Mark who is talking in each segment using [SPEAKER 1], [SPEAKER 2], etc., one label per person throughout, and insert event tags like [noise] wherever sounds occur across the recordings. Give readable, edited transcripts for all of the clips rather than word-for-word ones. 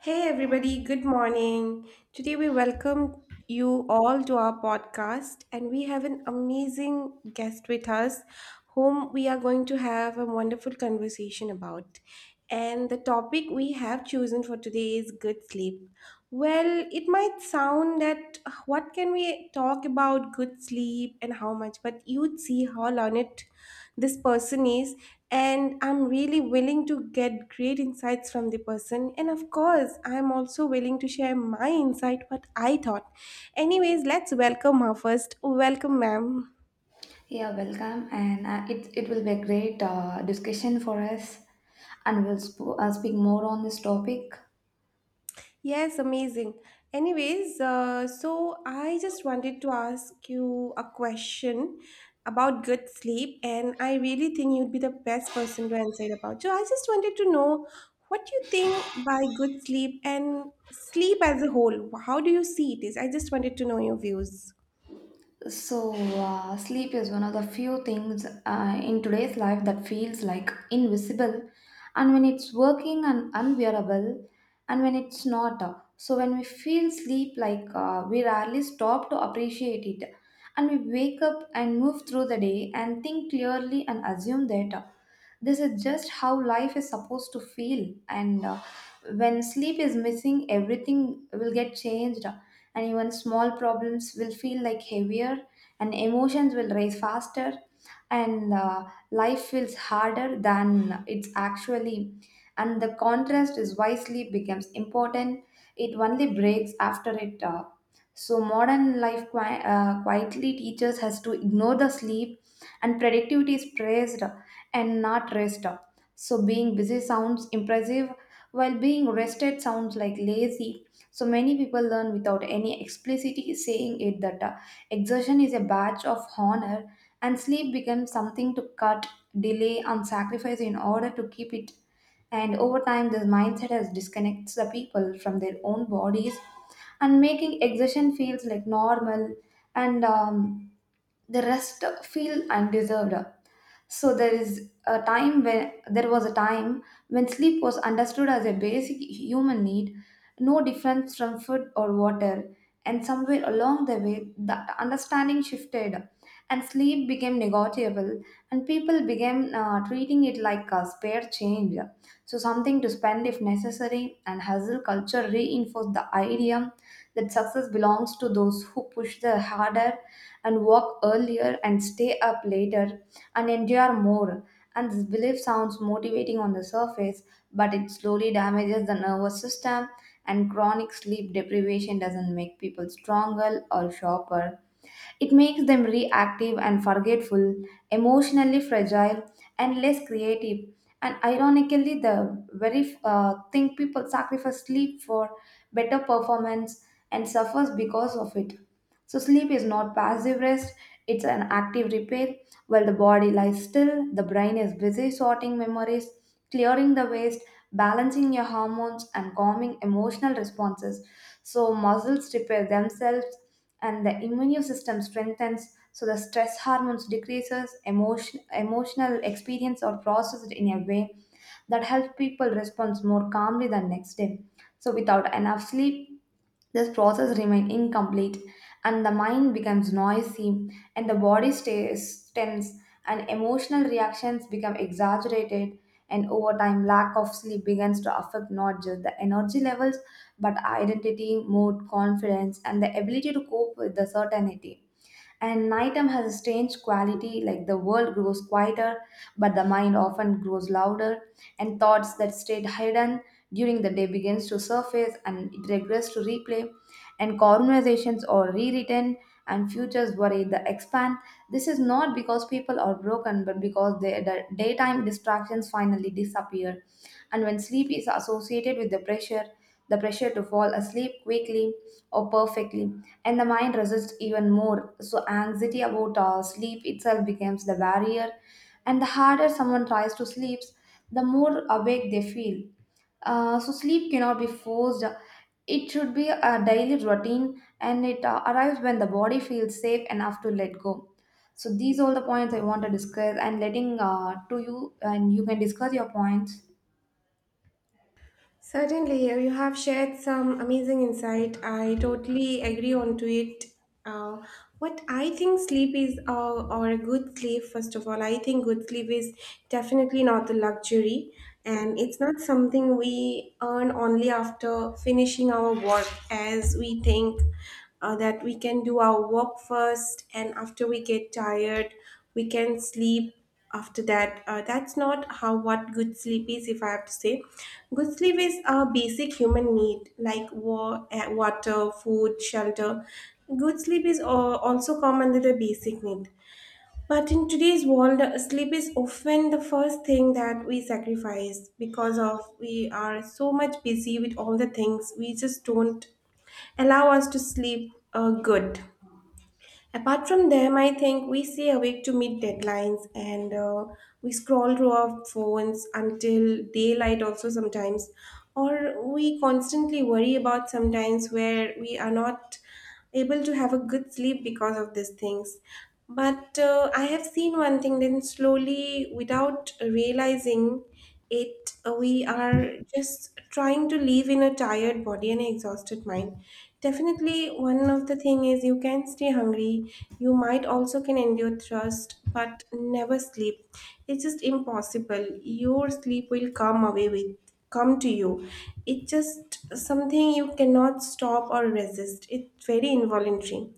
[SPEAKER 1] Hey everybody, good morning. Today we welcome you all to our podcast, and we have an amazing guest with us whom we are going to have a wonderful conversation about. And the topic we have chosen for today is good sleep. Well, it might sound that, "Ugh, what can we talk about good sleep and how much," but you'd see how learned this person is. And I'm really willing to get great insights from the person. And of course, I'm also willing to share my insight, what I thought. Anyways, let's welcome her first. Welcome, ma'am.
[SPEAKER 2] Yeah, welcome, and it will be a great discussion for us, and we'll speak more on this topic.
[SPEAKER 1] Yes, amazing. Anyways, so I just wanted to ask you a question about good sleep, and I really think you'd be the best person to answer it about. So I just wanted to know what you think by good sleep and sleep as a whole. How do you see it is? I just wanted to know your views.
[SPEAKER 2] Sleep is one of the few things in today's life that feels like invisible, and when it's working and unbearable, and when it's not. So, when we feel sleep, like we rarely stop to appreciate it, and we wake up and move through the day and think clearly and assume that this is just how life is supposed to feel, and when sleep is missing, everything will get changed, and even small problems will feel like heavier, and emotions will rise faster, and life feels harder than it's actually, and the contrast is wisely becomes important. It only breaks after it. So modern life quietly teaches us to ignore the sleep, and productivity is praised and not rest. So being busy sounds impressive while being rested sounds like lazy. So many people learn without any explicitly saying it that exertion is a badge of honor, and sleep becomes something to cut, delay, and sacrifice in order to keep it. And over time, this mindset has disconnects the people from their own bodies and making exertion feels like normal, and the rest feel undeserved. There was a time when sleep was understood as a basic human need, no difference from food or water. And somewhere along the way, that understanding shifted, and sleep became negotiable, and people began treating it like a spare change. So, something to spend if necessary, and hustle culture reinforced the idea that success belongs to those who push the harder and work earlier and stay up later and endure more. And this belief sounds motivating on the surface, but it slowly damages the nervous system, and chronic sleep deprivation doesn't make people stronger or sharper. It makes them reactive and forgetful, emotionally fragile, and less creative. And ironically, the very thing people sacrifice sleep for, better performance, and suffers because of it. So, sleep is not passive rest, it's an active repair. While the body lies still, the brain is busy sorting memories, clearing the waste, balancing your hormones, and calming emotional responses. So, muscles repair themselves and the immune system strengthens, so the stress hormones decreases emotion, emotional experience are processed in a way that helps people respond more calmly the next day. So without enough sleep, this process remains incomplete, and the mind becomes noisy, and the body stays tense, and emotional reactions become exaggerated. And over time, lack of sleep begins to affect not just the energy levels, but identity, mood, confidence, and the ability to cope with the certainty. And nighttime has a strange quality, like the world grows quieter, but the mind often grows louder, and thoughts that stayed hidden during the day begins to surface and it regress to replay, and conversations are rewritten and futures worry the expand. This is not because people are broken, but because their daytime distractions finally disappear. And when sleep is associated with the pressure to fall asleep quickly or perfectly, and the mind resists even more. So, anxiety about sleep itself becomes the barrier, and the harder someone tries to sleep, the more awake they feel. So, sleep cannot be forced. It should be a daily routine and it arrives when the body feels safe enough to let go. So, these are all the points I want to discuss and letting to you, and you can discuss your points.
[SPEAKER 1] Certainly, here you have shared some amazing insight. I totally agree on to it. Uh, what I think sleep is, or a good sleep, first of all, I think good sleep is definitely not a luxury, and it's not something we earn only after finishing our work, as we think that we can do our work first, and after we get tired, we can sleep after that. That's not how what good sleep is, if I have to say. Good sleep is a basic human need, like water, food, shelter. Good sleep is also come under the basic need. But in today's world, sleep is often the first thing that we sacrifice, because of we are so much busy with all the things, we just don't allow us to sleep good. Apart from them, I think we stay awake to meet deadlines, and we scroll through our phones until daylight, also sometimes. Or we constantly worry about sometimes, where we are not able to have a good sleep because of these things. But I have seen one thing, then slowly, without realizing it, we are just trying to live in a tired body and exhausted mind. Definitely, one of the thing is, you can stay hungry. You might also can endure thirst, but never sleep. It's just impossible. Your sleep will come to you. It's just something you cannot stop or resist. It's very involuntary.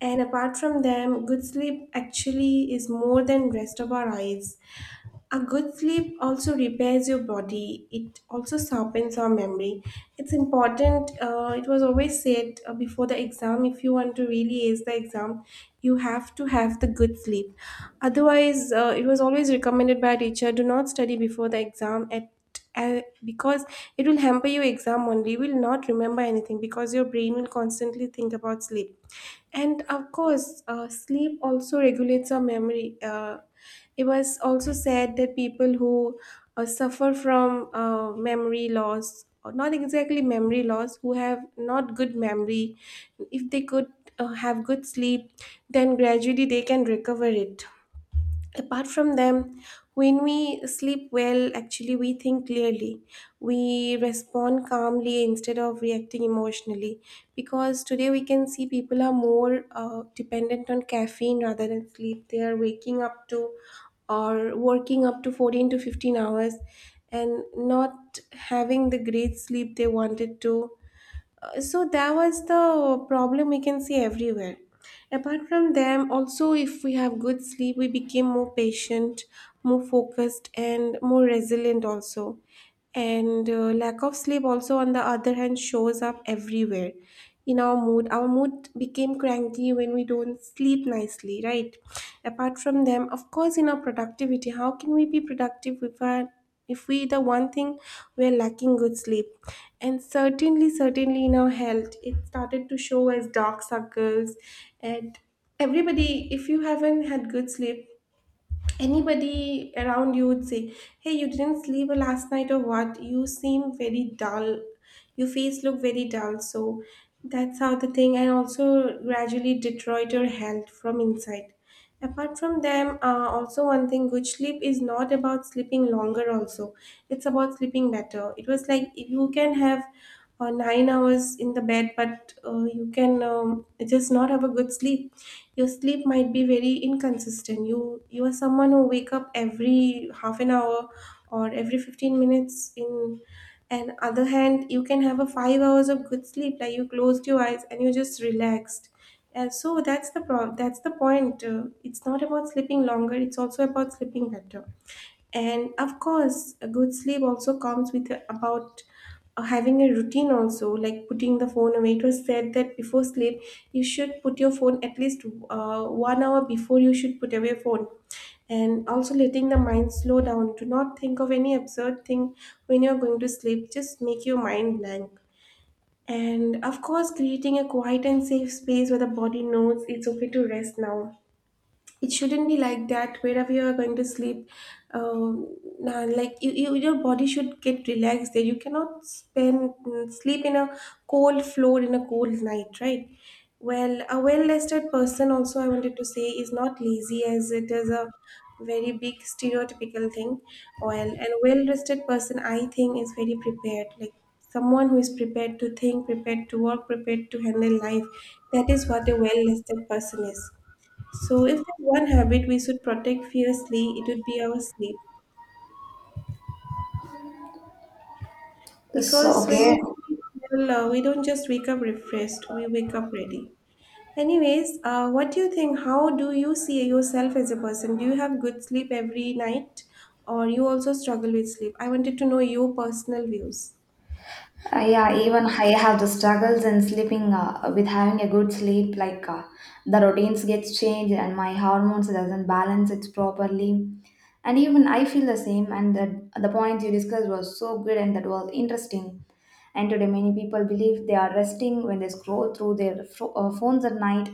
[SPEAKER 1] And apart from them, good sleep actually is more than rest of our eyes. A good sleep also repairs your body. It also sharpens our memory. It's important. It was always said, before the exam, if you want to really ace the exam, you have to have the good sleep. Otherwise, it was always recommended by a teacher, do not study before the exam at because it will hamper your exam only. You will not remember anything, because your brain will constantly think about sleep. And of course, sleep also regulates our memory. It was also said that people who suffer from memory loss, or not exactly memory loss, who have not good memory, if they could have good sleep, then gradually they can recover it. Apart from them, when we sleep well, actually we think clearly. We respond calmly instead of reacting emotionally, because today we can see people are more dependent on caffeine rather than sleep. They are waking up to or working up to 14 to 15 hours, and not having the great sleep they wanted to. So that was the problem we can see everywhere. Apart from them also, if we have good sleep, we became more patient, more focused, and more resilient also. And lack of sleep also, on the other hand, shows up everywhere in our mood. Our mood became cranky when we don't sleep nicely, right? Apart from them, of course, in our productivity. How can we be productive if our if we, the one thing we're lacking, good sleep? And certainly, in our health it started to show as dark circles. And everybody, if you haven't had good sleep, anybody around you would say, "Hey, you didn't sleep last night or what? You seem very dull. Your face look very dull." So that's how the thing, and also gradually deteriorate your health from inside. Apart from them, also one thing, good sleep is not about sleeping longer also. It's about sleeping better. It was like, if you can have 9 hours in the bed, but you can just not have a good sleep. Your sleep might be very inconsistent. You are someone who wake up every half an hour or every 15 minutes in. And other hand, you can have a 5 hours of good sleep, like you closed your eyes and you just relaxed. And so that's the point. It's not about sleeping longer, it's also about sleeping better. And of course, a good sleep also comes with about having a routine also, like putting the phone away. It was said that before sleep, you should put your phone at least 1 hour before. You should put away phone. And also letting the mind slow down. Do not think of any absurd thing when you're going to sleep. Just make your mind blank. And of course, creating a quiet and safe space where the body knows it's okay to rest now. It shouldn't be like that wherever you are going to sleep. Nah, like your body should get relaxed there. You cannot sleep in a cold floor in a cold night, right? Well, a well-rested person also, I wanted to say, is not lazy, as it is a very big stereotypical thing. Well, and a well-rested person, I think, is very prepared, like someone who is prepared to think, prepared to work, prepared to handle life. That is what a well-rested person is. So, if there's one habit we should protect fiercely, it would be our sleep.
[SPEAKER 2] So,
[SPEAKER 1] Because when we
[SPEAKER 2] okay.
[SPEAKER 1] sleep well, we don't just wake up refreshed, we wake up ready. Anyways, what do you think? How do you see yourself as a person? Do you have good sleep every night, or you also struggle with sleep? I wanted to know your personal views.
[SPEAKER 2] Yeah, even I have the struggles in sleeping with having a good sleep. Like the routines gets changed and my hormones doesn't balance it properly. And even I feel the same. And the point you discussed was so good and that was interesting. And today, many people believe they are resting when they scroll through their phones at night,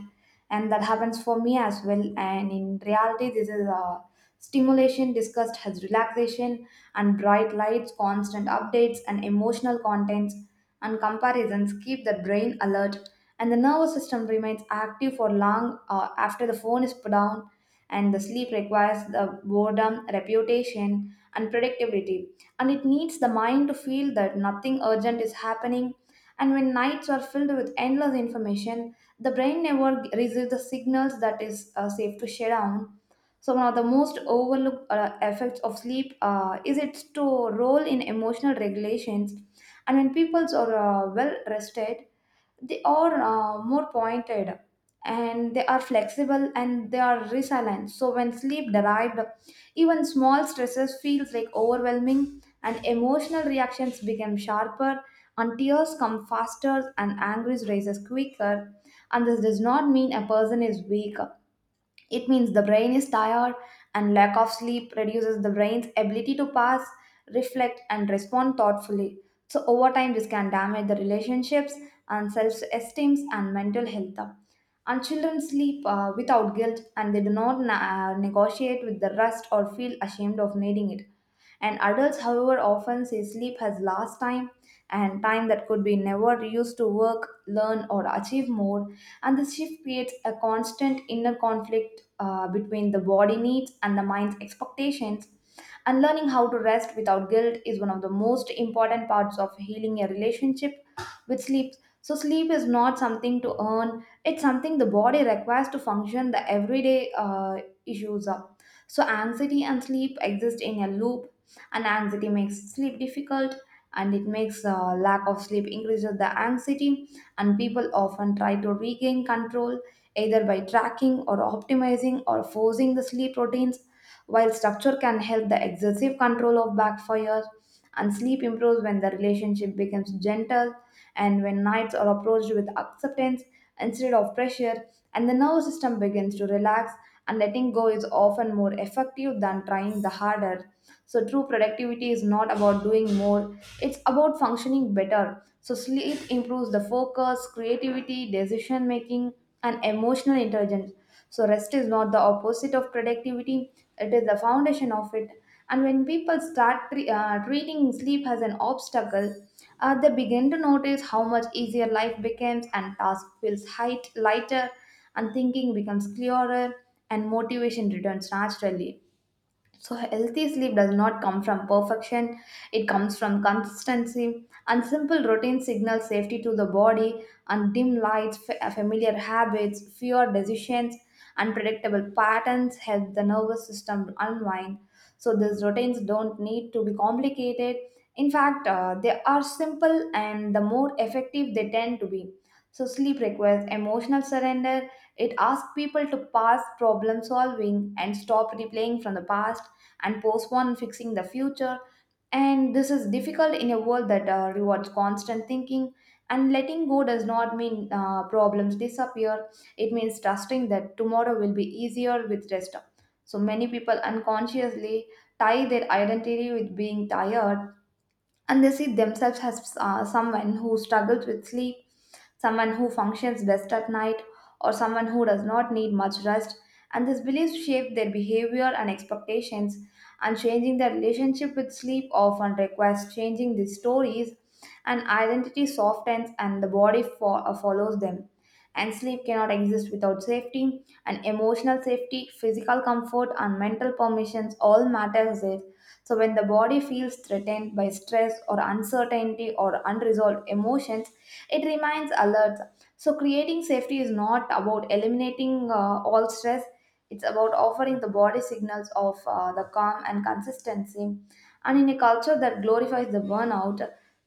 [SPEAKER 2] and that happens for me as well. And in reality, this is a stimulation discussed as relaxation, and bright lights, constant updates, and emotional contents and comparisons keep the brain alert, and the nervous system remains active for long after the phone is put down, and the sleep requires the boredom, reputation, and predictability. And it needs the mind to feel that nothing urgent is happening. And when nights are filled with endless information, the brain never receives the signals that is safe to shut down. So one of the most overlooked effects of sleep is its to role in emotional regulations. And when people are well rested, they are more pointed and they are flexible and they are resilient. So when sleep derived, even small stresses feels like overwhelming, and emotional reactions become sharper, and tears come faster and anger rises quicker, and this does not mean a person is weak. It means the brain is tired, and lack of sleep reduces the brain's ability to pass, reflect, and respond thoughtfully. So, over time, this can damage the relationships and self esteem and mental health. And children sleep without guilt and they do not negotiate with the rest or feel ashamed of needing it. And adults, however, often say sleep has last time and time that could be never used to work, learn, or achieve more, and this shift creates a constant inner conflict between the body needs and the mind's expectations, and learning how to rest without guilt is one of the most important parts of healing a relationship with sleep. So, sleep is not something to earn, it's something the body requires to function the everyday issues up. So, anxiety and sleep exist in a loop, and anxiety makes sleep difficult. And it makes lack of sleep increases the anxiety, and people often try to regain control either by tracking or optimizing or forcing the sleep routines. While structure can help, the excessive control of backfires, and sleep improves when the relationship becomes gentle and when nights are approached with acceptance instead of pressure, and the nervous system begins to relax, and letting go is often more effective than trying the harder. So true productivity is not about doing more, it's about functioning better. So sleep improves the focus, creativity, decision making, and emotional intelligence. So rest is not the opposite of productivity, it is the foundation of it. And when people start treating sleep as an obstacle, they begin to notice how much easier life becomes and task feels height, lighter, and thinking becomes clearer and motivation returns naturally. So, healthy sleep does not come from perfection, it comes from consistency, and simple routine signals safety to the body, and dim lights, familiar habits, fewer decisions, unpredictable patterns help the nervous system unwind. So, these routines don't need to be complicated. In fact, they are simple and the more effective they tend to be. So, sleep requires emotional surrender. It asks people to pass problem solving and stop replaying from the past and postpone fixing the future. And this is difficult in a world that rewards constant thinking. And letting go does not mean problems disappear, it means trusting that tomorrow will be easier with rest. So many people unconsciously tie their identity with being tired, and they see themselves as someone who struggles with sleep, someone who functions best at night, or someone who does not need much rest. And these beliefs shape their behavior and expectations, and changing their relationship with sleep often requires changing these stories, and identity softens and the body follows them. And sleep cannot exist without safety, and emotional safety, physical comfort, and mental permissions all matters there. So, when the body feels threatened by stress or uncertainty or unresolved emotions, it remains alert. So, creating safety is not about eliminating all stress, it's about offering the body signals of the calm and consistency. And in a culture that glorifies the burnout,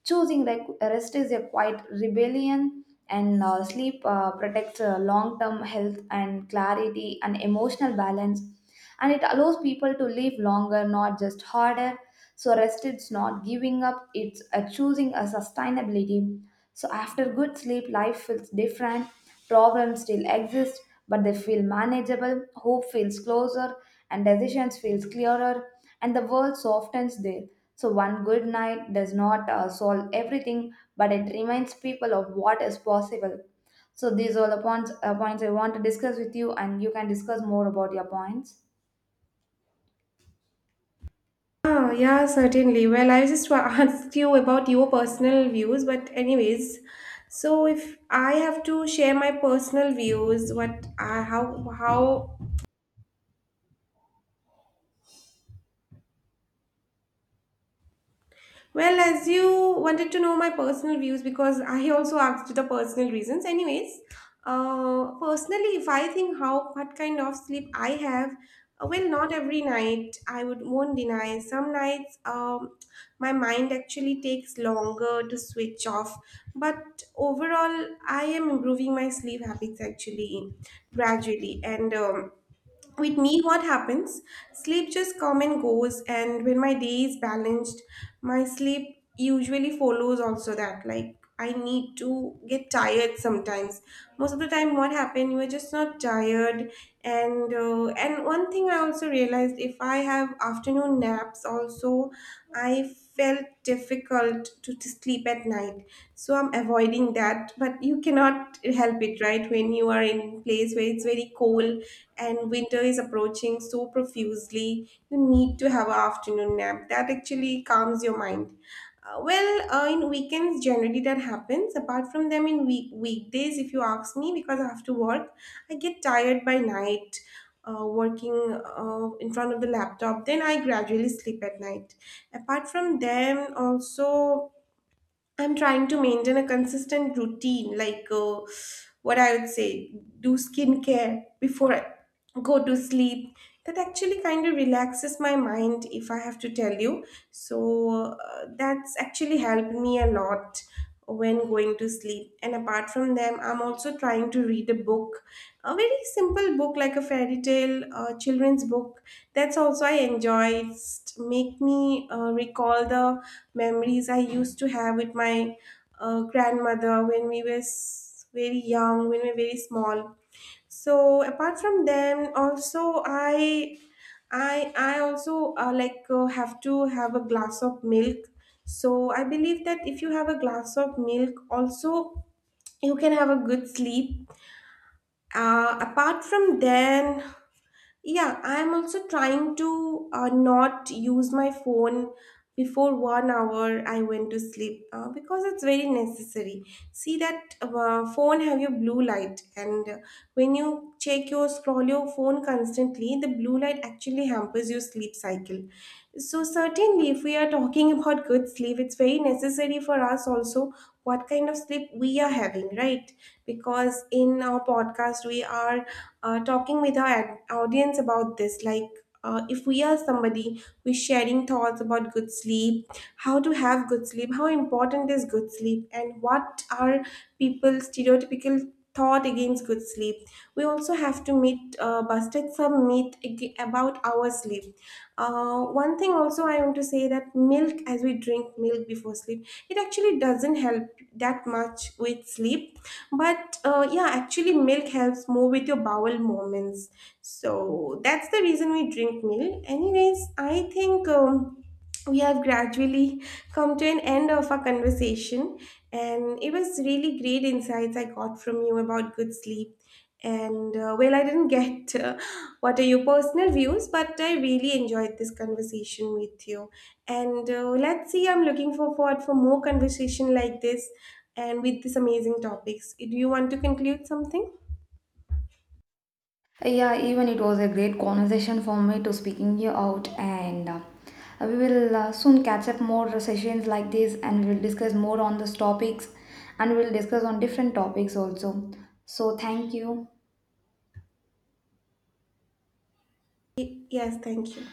[SPEAKER 2] choosing rest is a quiet rebellion. And sleep protects long term health and clarity and emotional balance, and it allows people to live longer, not just harder. So, rest is not giving up, it's choosing a sustainability. So, after good sleep, life feels different, problems still exist, but they feel manageable, hope feels closer, and decisions feels clearer, and the world softens there. So, one good night does not solve everything, but it reminds people of what is possible. So, these are the points I want to discuss with you, and you can discuss more about your points.
[SPEAKER 1] Ah, yeah, certainly. Well, I just [laughs] asked you about your personal views, but anyways, so if I have to share my personal views, what I how well, as you wanted to know my personal views, because I also asked the personal reasons. Anyways, personally, if I think how what kind of sleep I have, well, not every night, I would won't deny. Some nights, my mind actually takes longer to switch off. But overall, I am improving my sleep habits actually gradually, and with me, what happens? Sleep just come and goes, and when my day is balanced, my sleep usually follows also that. Like, I need to get tired sometimes. Most of the time, what happened? You are just not tired, and one thing I also realized: if I have afternoon naps also, I felt difficult to sleep at night. So I'm avoiding that, but you cannot help it, right? When you are in place where it's very cold and winter is approaching so profusely, you need to have an afternoon nap that actually calms your mind. Well, in weekends generally that happens. Apart from them, in weekdays, if you ask me, because I have to work, I get tired by night. Working, in front of the laptop, then I gradually sleep at night. Apart from them also, I'm trying to maintain a consistent routine, like, what I would say, do skincare before I go to sleep. That actually kind of relaxes my mind, if I have to tell you. So that's actually helped me a lot when going to sleep. And apart from them, I'm also trying to read a book, a very simple book, like a fairy tale, a children's book. That's also I enjoy. It's make me recall the memories I used to have with my grandmother when we were very young, when we were very small. So apart from them, also I also have to have a glass of milk. So I believe that if you have a glass of milk, also you can have a good sleep. Apart from then, yeah, I'm also trying to not use my phone before 1 hour I went to sleep, because it's very necessary. See that phone have your blue light, and when you check your scroll your phone constantly, the blue light actually hampers your sleep cycle. So certainly, if we are talking about good sleep, it's very necessary for us also what kind of sleep we are having, right? Because in our podcast, we are talking with our audience about this. Like, if we are somebody who's sharing thoughts about good sleep, how to have good sleep, how important is good sleep, and what are people's stereotypical thought against good sleep. We also have to meet, busted some myth about our sleep. One thing also I want to say that milk, as we drink milk before sleep, it actually doesn't help that much with sleep. But yeah, actually, milk helps more with your bowel movements. So that's the reason we drink milk. Anyways, I think. We have gradually come to an end of our conversation, and it was really great insights I got from you about good sleep. And well, I didn't get what are your personal views, but I really enjoyed this conversation with you. And let's see, I'm looking forward for more conversation like this and with these amazing topics. Do you want to conclude something?
[SPEAKER 2] Yeah, even it was a great conversation for me to speaking you out, and we will soon catch up more sessions like this, and we will discuss more on these topics, and we will discuss on different topics also. So thank you.
[SPEAKER 1] Yes, thank you.